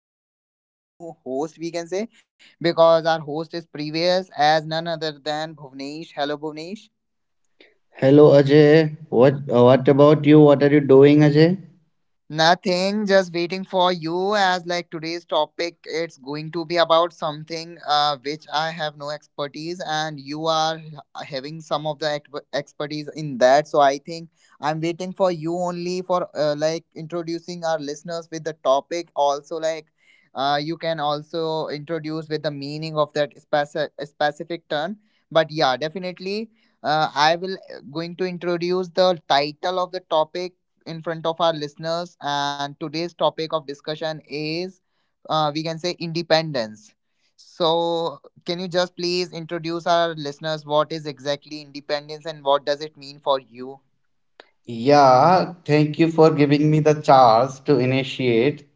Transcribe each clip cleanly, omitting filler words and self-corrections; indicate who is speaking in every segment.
Speaker 1: like not a new host we can say because our host is previous as none other than Bhuvnesh. Hello, Bhuvnesh.
Speaker 2: Hello Ajay, what about you? What are you doing, Ajay?
Speaker 1: Nothing, just waiting for you as like today's topic it's going to be about something which I have no expertise and you are having some of the expertise in that so I think I'm waiting for you only for like introducing our listeners with the topic also like you can also introduce with the meaning of that specific term but yeah definitely I will going to introduce the title of the topic in front of our listeners. And today's topic of discussion is, we can say, independence. So, can you just please introduce our listeners what is exactly independence and what does it mean for you?
Speaker 2: Yeah, thank you for giving me the chance to initiate.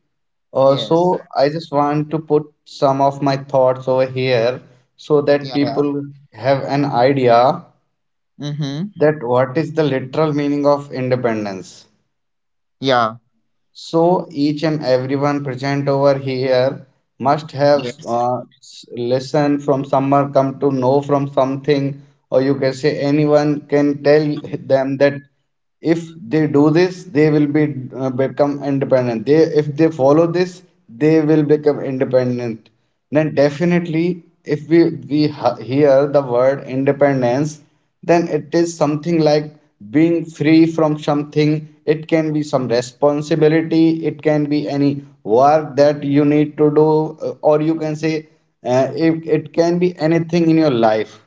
Speaker 1: Yes.
Speaker 2: Also, I just want to put some of my thoughts over here so that
Speaker 1: Yeah, yeah.
Speaker 2: people have an idea
Speaker 1: Mm-hmm.
Speaker 2: that what is the literal meaning of independence.
Speaker 1: Yeah.
Speaker 2: So each and everyone present over here must have
Speaker 1: Yes.
Speaker 2: listened from someone, come to know from something, or you can say anyone can tell them that if they do this, they will be become independent. They If they follow this, they will become independent. Then definitely, if we hear the word independence, then it is something like being free from something. It can be some responsibility, it can be any work that you need to do, or you can say it can be anything in your life.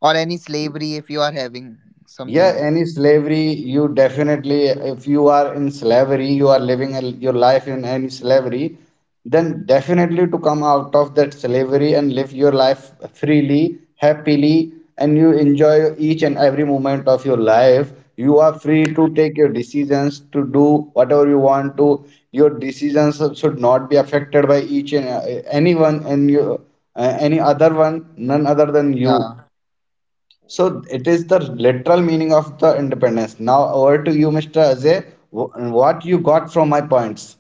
Speaker 1: Or any slavery if you are having
Speaker 2: Yeah,
Speaker 1: something.
Speaker 2: any slavery, you definitely, if you are in slavery, you are living your life in any slavery, then definitely to come out of that slavery and live your life freely, happily, and you enjoy each and every moment of your life. You are free to take your decisions, to do whatever you want to. Your decisions should not be affected by each and anyone and you, any other one, none other than you.
Speaker 1: Yeah.
Speaker 2: So it is the literal meaning of the independence. Now over to you, Mr. Ajay. What you got from my points?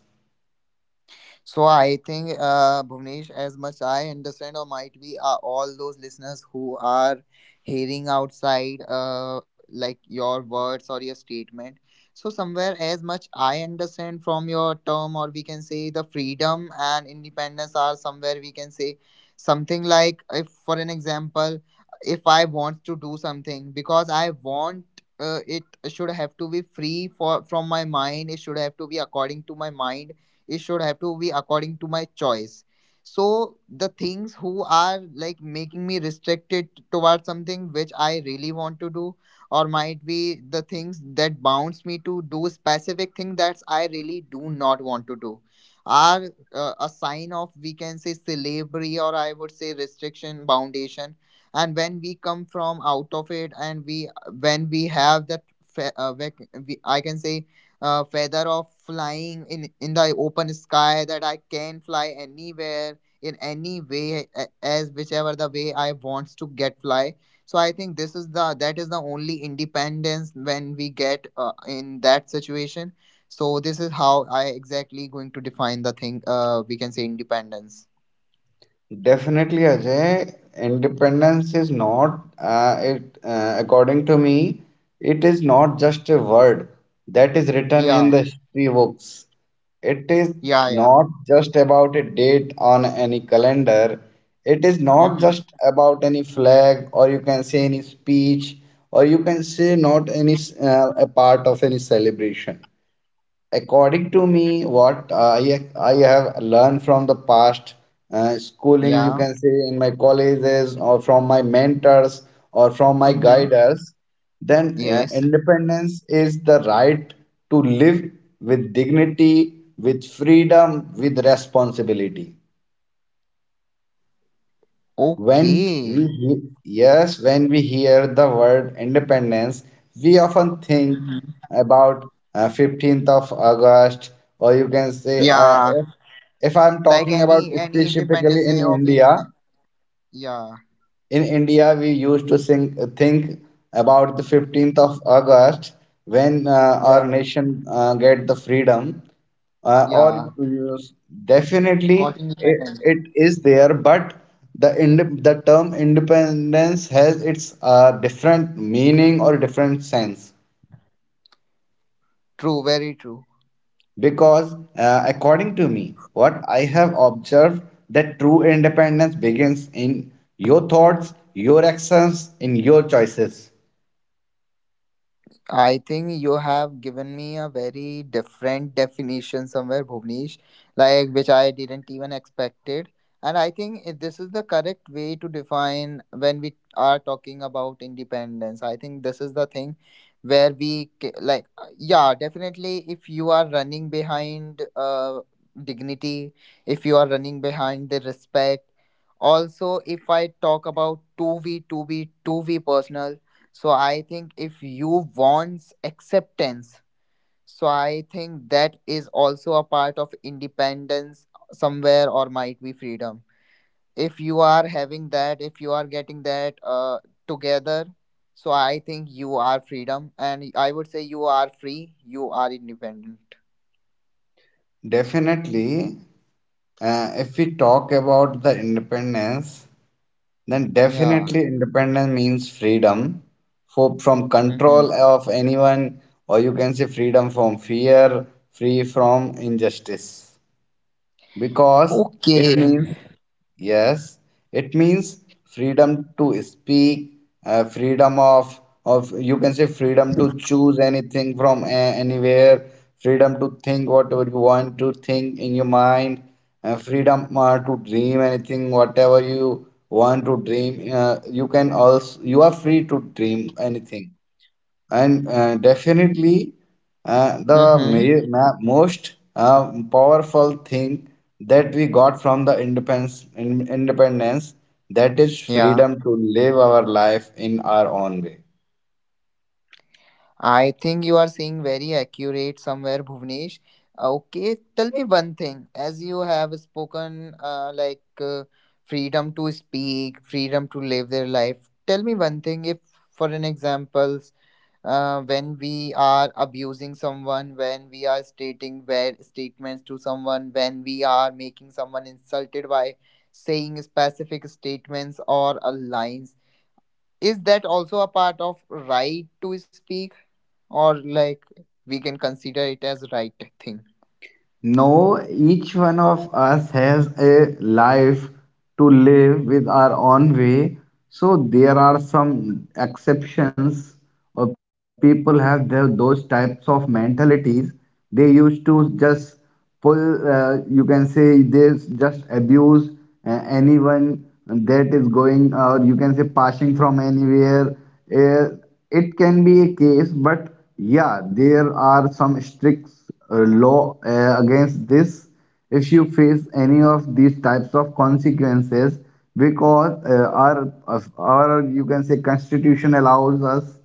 Speaker 1: So I think, Bhuvnesh, as much I understand, or might be all those listeners who are hearing outside, like your words or your statement. So somewhere, as much I understand from your term, or we can say the freedom and independence are somewhere we can say something like, if for an example, if I want to do something because I want. It should have to be free for from my mind, it should have to be according to my mind, it should have to be according to my choice. So the things who are like making me restricted towards something which I really want to do, or might be the things that bounds me to do specific thing that I really do not want to do are a sign of we can say slavery or I would say restriction boundation. And when we come from out of it, and we when we have that I can say feather of flying in the open sky, that I can fly anywhere in any way as whichever the way I wants to get fly. So I think this is the that is the only independence when we get in that situation. So this is how I exactly going to define the thing. We can say independence.
Speaker 2: Definitely, Ajay, independence is not, it, according to me, it is not just a word that is written in
Speaker 1: Yeah.
Speaker 2: the history books. It is
Speaker 1: Yeah. Yeah.
Speaker 2: not just about a date on any calendar. It is not
Speaker 1: Mm-hmm.
Speaker 2: just about any flag, or you can say any speech, or you can say not a part of any celebration. According to me, what I have learned from the past, schooling, you
Speaker 1: Yeah.
Speaker 2: can say, in my colleges or from my mentors or from my
Speaker 1: Mm-hmm.
Speaker 2: guiders, then
Speaker 1: Yes.
Speaker 2: independence is the right to live with dignity, with freedom, with responsibility. when
Speaker 1: Okay.
Speaker 2: we he- yes, when we hear the word independence, we often think
Speaker 1: Mm-hmm.
Speaker 2: about 15th of August, or you can say,
Speaker 1: Yeah,
Speaker 2: if I'm
Speaker 1: like
Speaker 2: talking about
Speaker 1: any Independence
Speaker 2: specifically
Speaker 1: Day of in. Yeah,
Speaker 2: In India, we used to think about the 15th of August when our
Speaker 1: yeah,
Speaker 2: nation get the freedom. Or
Speaker 1: yeah. Got
Speaker 2: Definitely
Speaker 1: independent.
Speaker 2: it is there, but the term independence has its different meaning or different sense,
Speaker 1: True, very true.
Speaker 2: because according to me, what I have observed that true independence begins in your thoughts, your actions, in your choices.
Speaker 1: I think you have given me a very different definition somewhere, Bhuvnesh, like which I didn't even expected. And I think this is the correct way to define when we are talking about independence. I think this is the thing where we like, yeah, definitely. If you are running behind dignity, if you are running behind the respect, also if I talk about two v two v two v personal. So I think if you wants acceptance, so I think that is also a part of independence somewhere or might be freedom. If you are having that, if you are getting that together, so I think you are freedom and I would say you are free, you are independent.
Speaker 2: Definitely, if we talk about the independence, then
Speaker 1: Yeah.
Speaker 2: definitely independence means freedom from
Speaker 1: Mm-hmm.
Speaker 2: control of anyone, or you can say freedom from fear, free from injustice. Because it
Speaker 1: Okay.
Speaker 2: means, yes, it means freedom to speak, freedom of you can say freedom to choose anything from a anywhere, freedom to think whatever you want to think in your mind, freedom to dream anything whatever you want to dream. You can also you are free to dream anything, and definitely
Speaker 1: Mm-hmm.
Speaker 2: most powerful thing that we got from the independence, that is
Speaker 1: Yeah.
Speaker 2: freedom to live our life in our own way.
Speaker 1: I think you are seeing very accurate somewhere, Bhuvnesh. Okay, tell me one thing. As you have spoken, like freedom to speak, freedom to live their life. Tell me one thing. If, for an examples, when we are abusing someone, when we are stating bad statements to someone, when we are making someone insulted by saying specific statements or lines, is that also a part of right to speak? Or like we can consider it as right thing.
Speaker 2: No, each one of us has a life to live with our own way. So there are some exceptions, or people have their, those types of mentalities. They used to just you can say they just abuse anyone that is going, or you can say passing from anywhere. Uh, it can be a case, but yeah, there are some strict law against this if you face any of these types of consequences, because our, you can say, constitution allows us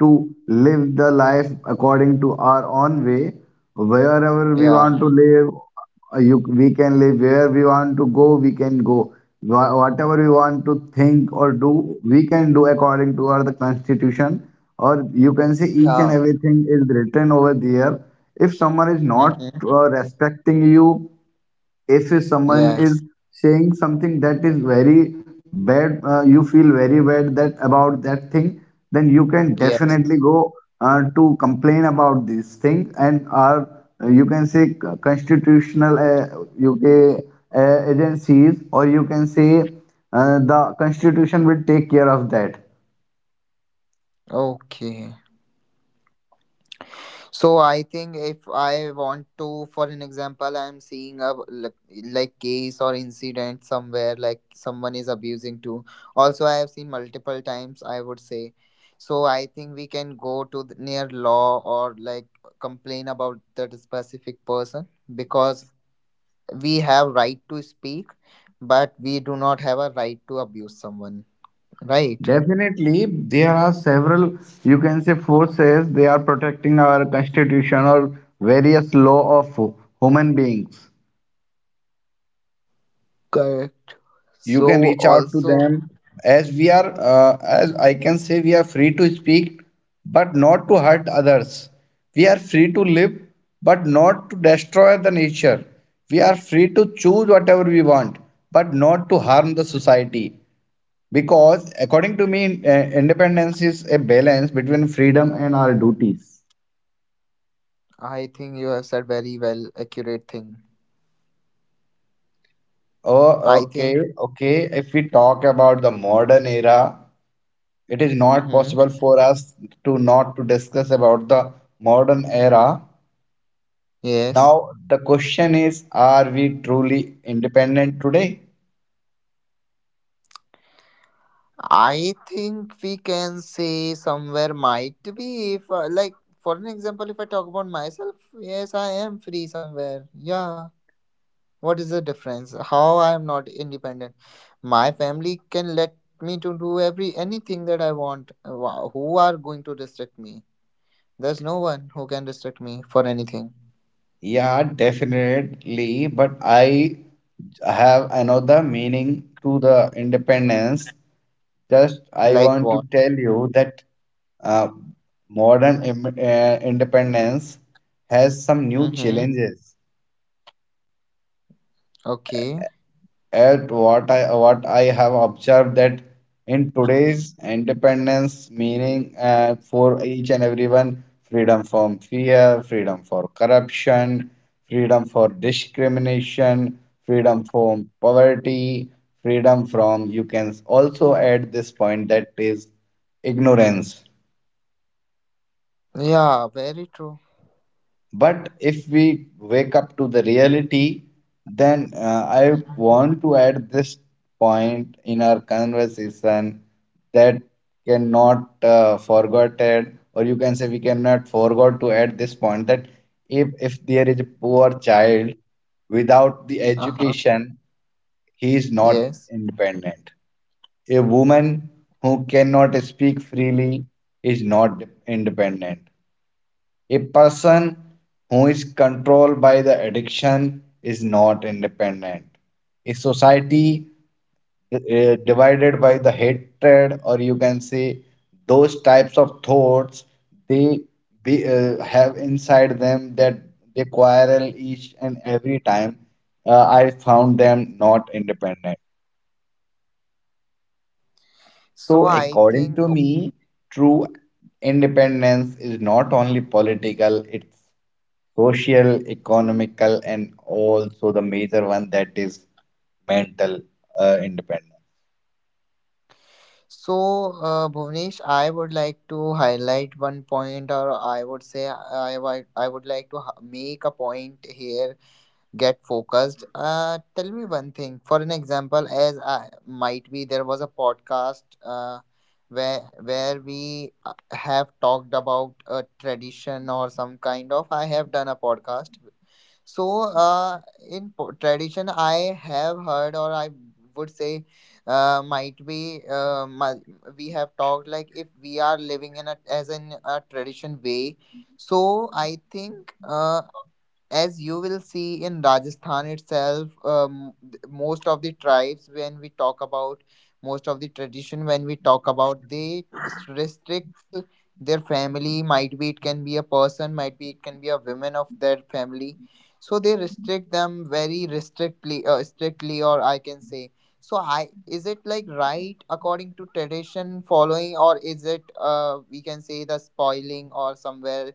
Speaker 2: to live the life according to our own way, wherever we want
Speaker 1: Yeah.
Speaker 2: to live. Uh, you, we can live where we want to go, we can go. Whatever we want to think or do, we can do according to our the constitution, or you can say each
Speaker 1: Yeah.
Speaker 2: and everything is written over there. If someone is not
Speaker 1: Mm-hmm.
Speaker 2: respecting you, if someone is
Speaker 1: Yes.
Speaker 2: saying something that is very bad, you feel very bad that about that thing, then you can
Speaker 1: Yes.
Speaker 2: definitely go to complain about this thing, and our you can say constitutional uk agencies, or you can say the constitution will take care of that.
Speaker 1: Okay. So I think if I want to, for an example, I'm seeing a like case or incident somewhere like someone is abusing too. Also I have seen multiple times I would say. So I think we can go to the near law or like complain about that specific person, because we have right to speak but we do not have a right to abuse someone, right?
Speaker 2: Definitely, there are several, you can say, forces. They are protecting our constitution or various law of human beings.
Speaker 1: Correct.
Speaker 2: You can
Speaker 1: So
Speaker 2: reach out to
Speaker 1: also,
Speaker 2: them. As we are as I can say, we are free to speak but not to hurt others, we are free to live but not to destroy the nature, we are free to choose whatever we want but not to harm the society, because according to me, independence is a balance between freedom and our duties.
Speaker 1: I think you have said very well accurate thing.
Speaker 2: Oh,
Speaker 1: I
Speaker 2: okay,
Speaker 1: think.
Speaker 2: okay. If we talk about the modern era, it is not
Speaker 1: Mm-hmm.
Speaker 2: possible for us to not to discuss about the modern era.
Speaker 1: Yes.
Speaker 2: Now the question is, are we truly independent today?
Speaker 1: I think we can say somewhere might be if like, for an example if I talk about myself, yes I am free somewhere, yeah. What is the difference? How I am not independent? My family can let me to do every anything that I want. Who are going to restrict me? There's no one who can restrict me for anything.
Speaker 2: Yeah, definitely. But I have another meaning to the independence. Just I
Speaker 1: Like
Speaker 2: want
Speaker 1: what?
Speaker 2: to tell you that uh, independence has some new
Speaker 1: Mm-hmm.
Speaker 2: challenges.
Speaker 1: Okay.
Speaker 2: At what I, what I have observed, that in today's independence, meaning for each and everyone, freedom from fear, freedom for corruption, freedom for discrimination, freedom from poverty, freedom from, you can also add this point, that is ignorance.
Speaker 1: Yeah, very true.
Speaker 2: But if we wake up to the reality, then I
Speaker 1: Mm-hmm.
Speaker 2: want to add this point in our conversation that cannot forgotten, or you can say we cannot forgot to add this point, that if there is a poor child without the
Speaker 1: Uh-huh.
Speaker 2: education, he is not
Speaker 1: Yes.
Speaker 2: independent. A woman who cannot speak freely is not independent. A person who is controlled by the addiction is not independent. A society divided by the hatred, or you can say those types of thoughts, they have inside them that they quarrel each and every time. I found them not independent.
Speaker 1: So
Speaker 2: So,
Speaker 1: I
Speaker 2: according
Speaker 1: think,
Speaker 2: to me, true independence is not only political, it's social, economical, and also the major one, that is mental independence.
Speaker 1: so, Bhuvnesh, I would like to highlight get focused. Tell me one thing. For an example, as I might be, there was a podcast where we have talked about a tradition or some kind of. I have done a podcast. So, uh, in tradition, I have heard, or I would say, uh, might be, uh, mi- we have talked like if we are living in a as in a tradition way. So I think, as you will see in Rajasthan itself, most of the tribes, when we talk about most of the tradition, when we talk about, they restricts their family. Might be it can be a person, might be it can be a woman of their family. So they restrict them very restrictly, strictly, or I can say. So I is it like right according to tradition following, or is it we can say the spoiling or somewhere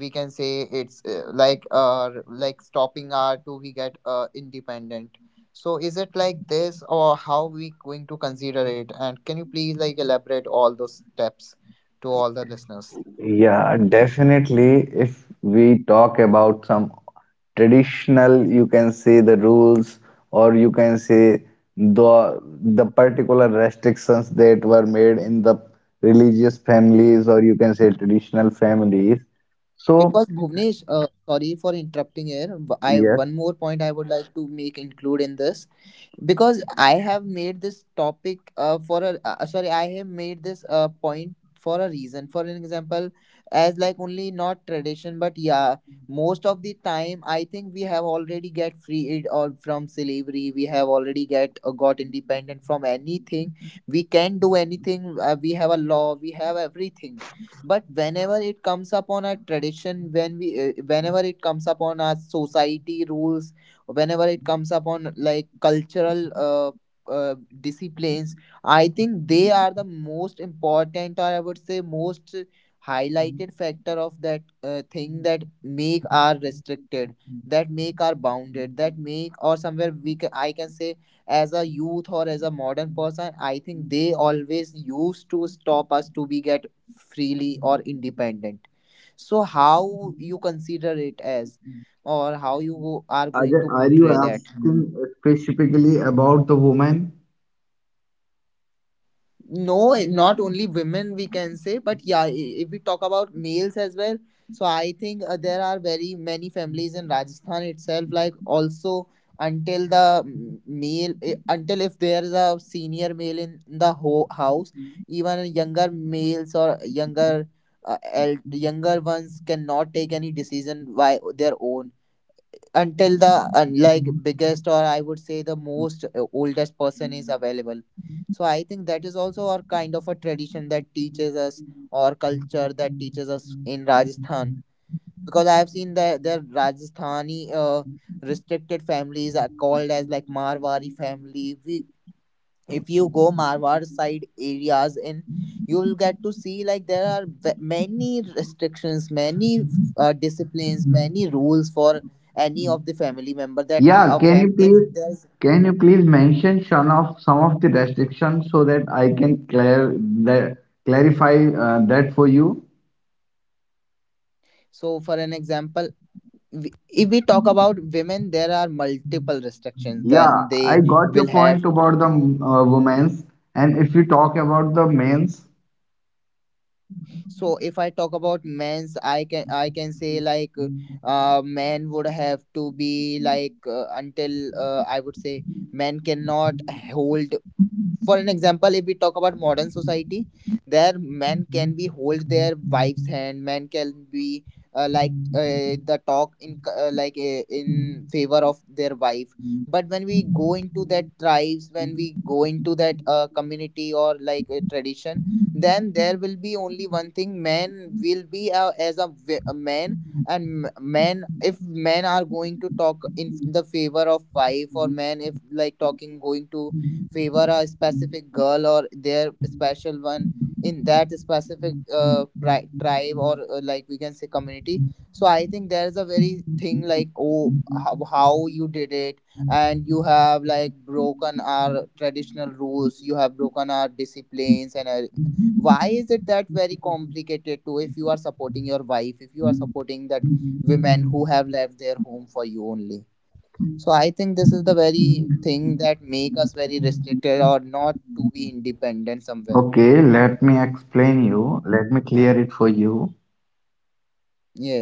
Speaker 1: we can say it's like stopping our to we get independent. So is it like this or how we going to consider it, and can you please like elaborate all those steps to all the listeners?
Speaker 2: Yeah, definitely. If we talk about some traditional, you can say the rules, or you can say the particular restrictions that were made in the religious families, or you can say traditional families. So,
Speaker 1: Because Bhuvnesh, sorry for interrupting here. I
Speaker 2: yes,
Speaker 1: one more point I would like to make include in this because I have made this topic for a sorry, I have made this point for a reason, for an example, as like only not tradition but yeah most of the time I think we have already get freed or from slavery we have already get got independent from anything, we can do anything we have a law, we have everything. But whenever it comes upon a tradition, when we whenever it comes upon our society rules, whenever it comes upon like cultural uh, disciplines, I think they are the most important, or I would say most highlighted factor of that thing that make our restricted, that make our bounded, that make or somewhere we can I can say as a youth or as a modern person, I think they always used to stop us to be get freely or independent. So how you consider it as, or how you are going
Speaker 2: Ajay,
Speaker 1: to
Speaker 2: are you
Speaker 1: portray that?
Speaker 2: asking specifically about the woman?
Speaker 1: No, not only women we can say, but yeah, if we talk about males as well, so I think there are very many families in Rajasthan itself. Like also until the male, until if there is a senior male in the house, even younger males or younger. Younger ones cannot take any decision by their own until the like biggest or I would say the most oldest person is available. So I think that is also our kind of a tradition that teaches us or culture that teaches us in Rajasthan. Because I have seen that the Rajasthani restricted families are called as like Marwari family. We if you go Marwar side areas in, you'll get to see like there are many restrictions, many disciplines, many rules for any of the family member that
Speaker 2: Yeah,
Speaker 1: a
Speaker 2: can you
Speaker 1: fam if
Speaker 2: please,
Speaker 1: there's.
Speaker 2: mention some of, some of the restrictions, so that I can clear that, clarify that for you?
Speaker 1: So for an example, if we talk about women there are multiple restrictions then
Speaker 2: Yeah,
Speaker 1: they
Speaker 2: I got
Speaker 1: will
Speaker 2: your
Speaker 1: have.
Speaker 2: point about the women's, and if you talk about the men's,
Speaker 1: So if I talk about men's, I can I can say like men would have to be like until I would say men cannot hold. For an example, if we talk about modern society, there men can be hold their wife's hand, men can be the talk in in favor of their wife. But when we go into that tribes, when we go into that community or like a tradition, then there will be only one thing, men will be as a, a man. And men if men are going to talk in the favor of wife, or men if like talking going to favor a specific girl or their special one in that specific tribe or like we can say community, so I think there's a very thing like oh how you did it, and you have like broken our traditional rules, you have broken our disciplines, and why is it that very complicated too? If you are supporting your wife, if you are supporting that women who have left their home for you only, so I think this is the very thing that make us very restricted or not to be independent somewhere.
Speaker 2: okay, let me explain you. Let me clear it for you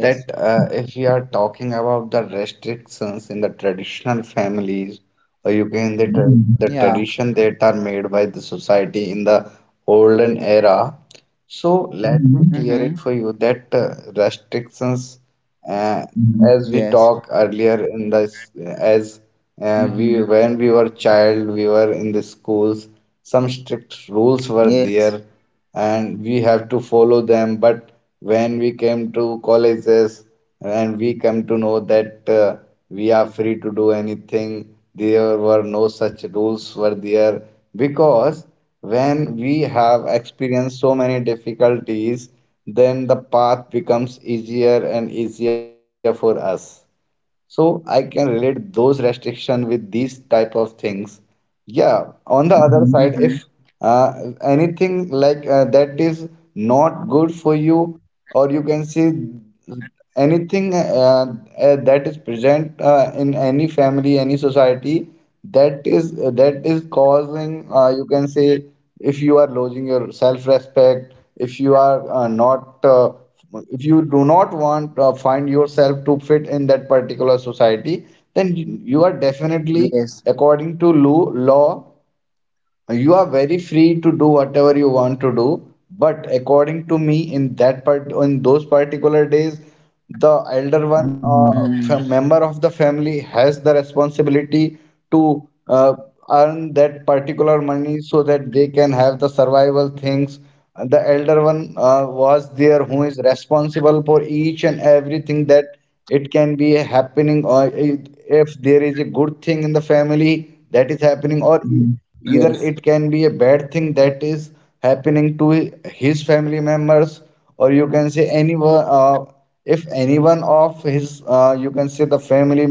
Speaker 2: that if we are talking about the restrictions in the traditional families, or you can Mhm. The
Speaker 1: Yeah.
Speaker 2: tradition that are made by the society in the olden era. So let me, Mhm, clear it for
Speaker 1: Mm-hmm.
Speaker 2: you that restrictions, Mhm, as we talked
Speaker 1: Yes.
Speaker 2: earlier in this, as we when
Speaker 1: Mm-hmm.
Speaker 2: we were child, we were in the schools. Some strict rules were there
Speaker 1: Yes.
Speaker 2: and we have to follow them, but when we came to colleges and we come to know that we are free to do anything, there were no such rules were there, because when we have experienced so many difficulties, then the path becomes easier and easier for us. So I can relate those restriction with these type of things. Yeah, on the other side, if
Speaker 1: Mm-hmm.
Speaker 2: uh, anything that is not good for you, or you can see anything that is present in any family, any society, that is causing you can say, if you are losing your self respect, if you are not if you do not want find yourself to fit in that particular society, then you are definitely, according to
Speaker 1: Yes.
Speaker 2: law, you are very free to do whatever you want to do, but according to me, in that part, in those particular days, the elder one or member of the family
Speaker 1: Mm.
Speaker 2: has the responsibility to earn that particular money so that they can have the survival things. The elder one was there who is responsible for each and everything that it can be a happening if there is a good thing in the family that is happening, or either it can be a bad
Speaker 1: Yes.
Speaker 2: thing that is happening to his family members, or you can say anyone. If anyone of his, you can say the family,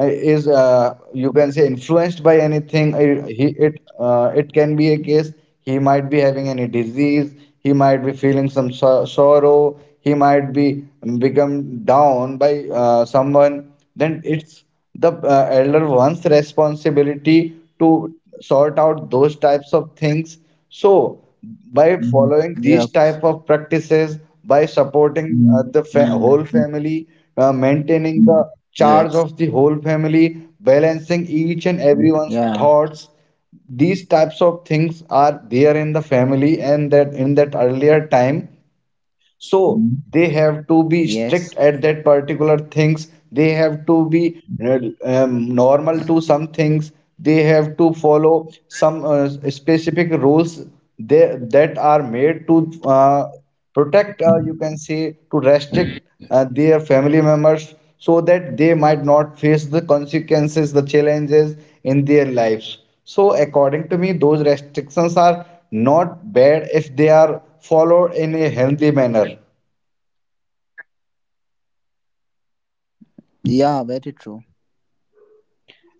Speaker 2: is, you can say influenced by anything, it, it can be a case he might be having any disease, he might be feeling some sorrow, he might be become down by someone, then it's the elder one's responsibility to sort out those types of things. So by following these type of practices,
Speaker 1: Yep.
Speaker 2: by supporting the whole family,
Speaker 1: Mm.
Speaker 2: maintaining the charge of the whole family,
Speaker 1: Yes.
Speaker 2: balancing each and everyone's thoughts,
Speaker 1: Yeah.
Speaker 2: these types of things are there in the family and that in that earlier time. So they have to be strict at that
Speaker 1: Yes.
Speaker 2: particular things, they have to be normal to some things, they have to follow some specific rules, that are made to protect, you can say to restrict their family members so that they might not face the consequences, the challenges in their lives. So, according to me, those restrictions are not bad if they are followed in a healthy manner.
Speaker 1: Yeah, very true.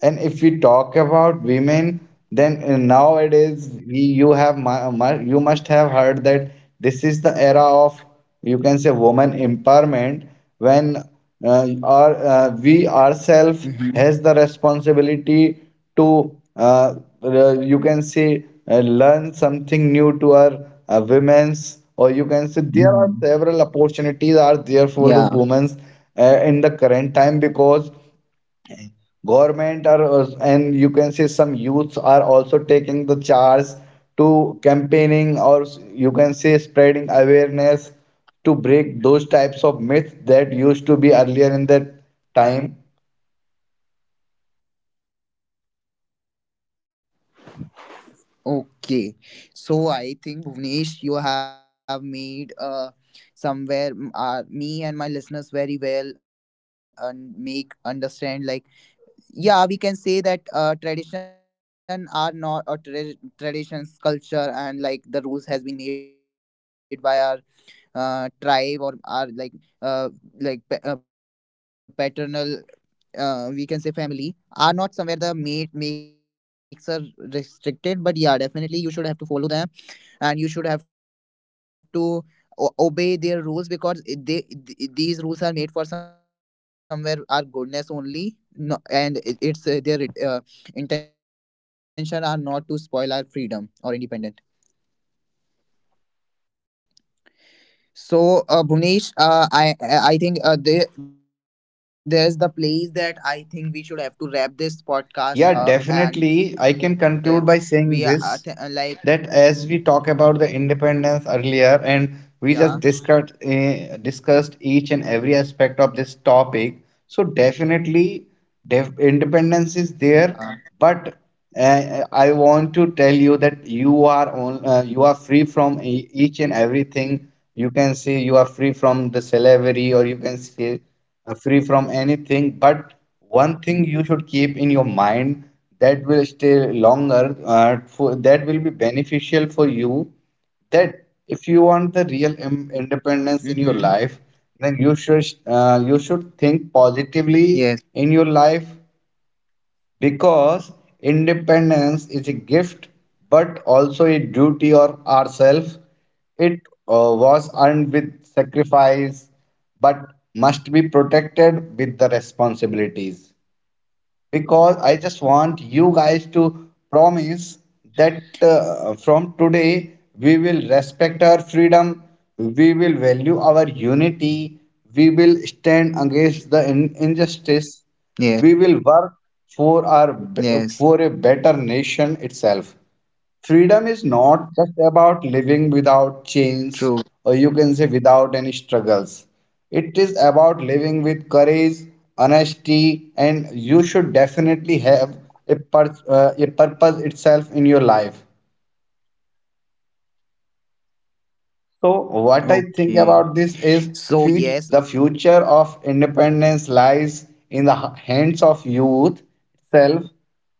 Speaker 2: And if we talk about women, then nowadays you have you must have heard that this is the era of, you can say, woman empowerment, when our we ourselves has
Speaker 1: Mm-hmm.
Speaker 2: the responsibility to you can say learn something new to our women's, or you can say there are several opportunities are there for the
Speaker 1: Yeah.
Speaker 2: women's in the current time, because government are and you can say some youths are also taking the charge to campaigning you can say spreading awareness to break those types of myths that used to be earlier in that time.
Speaker 1: Okay, so I think Bhuvnesh, you have made somewhere me and my listeners very well and make understand like yeah we can say that tradition are not or tra- traditions culture and like the rules has been made by our tribe or our like uh paternal we can say family are not somewhere the mate makes are restricted, but yeah definitely you should have to follow them and you should have to obey their rules, because they these rules are made for somewhere our goodness only. No, and it's intention are not to spoil our freedom or independent. So, Bhuvnesh, I think there there's the place that I think we should have to wrap this
Speaker 2: Yeah,
Speaker 1: podcast up,
Speaker 2: definitely. I
Speaker 1: and
Speaker 2: can conclude by
Speaker 1: we are
Speaker 2: saying this,
Speaker 1: like
Speaker 2: that as we talk about the independence earlier and
Speaker 1: yeah,
Speaker 2: we just discussed each and every aspect of this topic. So definitely, independence is there,
Speaker 1: yeah.
Speaker 2: but uh, I want to tell you that you are on you are free from each and everything. You can say you are free from the slavery, or you can say free from anything, but one thing you should keep in your mind that will stay longer that will be beneficial for you, that if you want the real independence in your
Speaker 1: Mm-hmm.
Speaker 2: life, then you should think positively
Speaker 1: Yes.
Speaker 2: in your life. Because independence is a gift but also a duty or ourselves. It was earned with sacrifice but must be protected with the responsibilities. Because I just want you guys to promise that from today we will respect our freedom, we will value our unity, we will stand against the injustice,
Speaker 1: Yes.
Speaker 2: we will work for our, for a better
Speaker 1: Yes.
Speaker 2: nation itself. Freedom is not just about living without
Speaker 1: True.
Speaker 2: chains, or you can say without any struggles. It is about living with courage, honesty, and you should definitely have a purpose itself in your life. So what I think
Speaker 1: Okay.
Speaker 2: about this is,
Speaker 1: So
Speaker 2: fut the
Speaker 1: yes, Bhu-.
Speaker 2: future of independence lies in the hands of youth itself.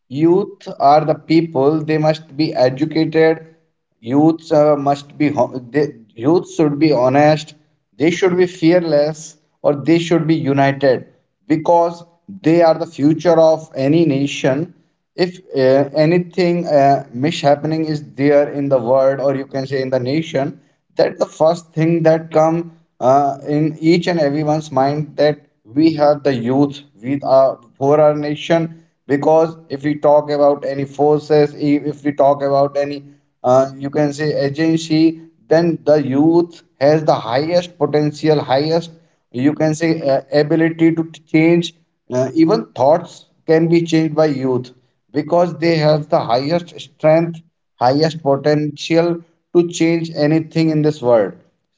Speaker 2: Youth are the people, they must be educated. Youths uh, must be ho- they, youth should be honest. They should be fearless, or they should be united, because they are the future of any nation. If anything mishappening is there in the world, or you can say in the nation, that the first thing that come in each and everyone's mind, that we have the youth with our for our nation. Because if we talk about any forces, if we talk about any you can say agency, then the youth has the highest potential, highest, you can say, ability to change. Even thoughts can be changed by youth because they have the highest strength, highest potential to change anything in this world.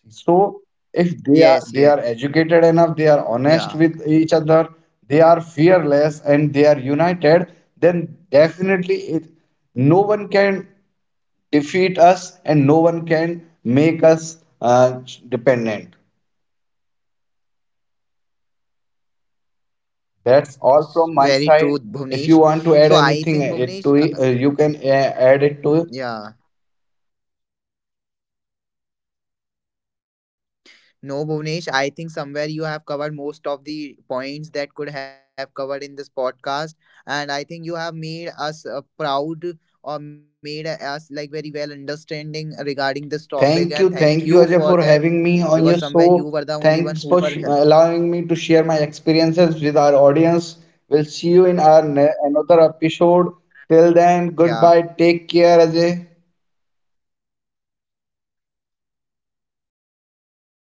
Speaker 2: So if
Speaker 1: Yes. Yes.
Speaker 2: they are educated enough, they are
Speaker 1: Yeah,
Speaker 2: honest with each other, they are fearless and they are united, then definitely no one can defeat us and no one can make us dependent. That's all
Speaker 1: very
Speaker 2: from
Speaker 1: true,
Speaker 2: my side.
Speaker 1: Bhuvnesh.
Speaker 2: If you
Speaker 1: So
Speaker 2: want to
Speaker 1: I
Speaker 2: add
Speaker 1: think
Speaker 2: anything
Speaker 1: Bhuvnesh
Speaker 2: it to it, you can add
Speaker 1: yeah.
Speaker 2: it to it.
Speaker 1: No, Bhuvnesh, I think somewhere you have covered most of the points that could have covered in this podcast. And I think you have made us proud or made us like very well understanding regarding this topic. And thank you for
Speaker 2: Thank you
Speaker 1: that
Speaker 2: Ajay, for
Speaker 1: because
Speaker 2: having me
Speaker 1: somewhere you
Speaker 2: on your
Speaker 1: were the only
Speaker 2: show.
Speaker 1: one who were
Speaker 2: Thanks
Speaker 1: help.
Speaker 2: for allowing me to share my experiences with our audience. We'll see you in our another episode. Till then,
Speaker 1: Yeah.
Speaker 2: goodbye. Take care, Ajay.
Speaker 1: Bye bye. Take care.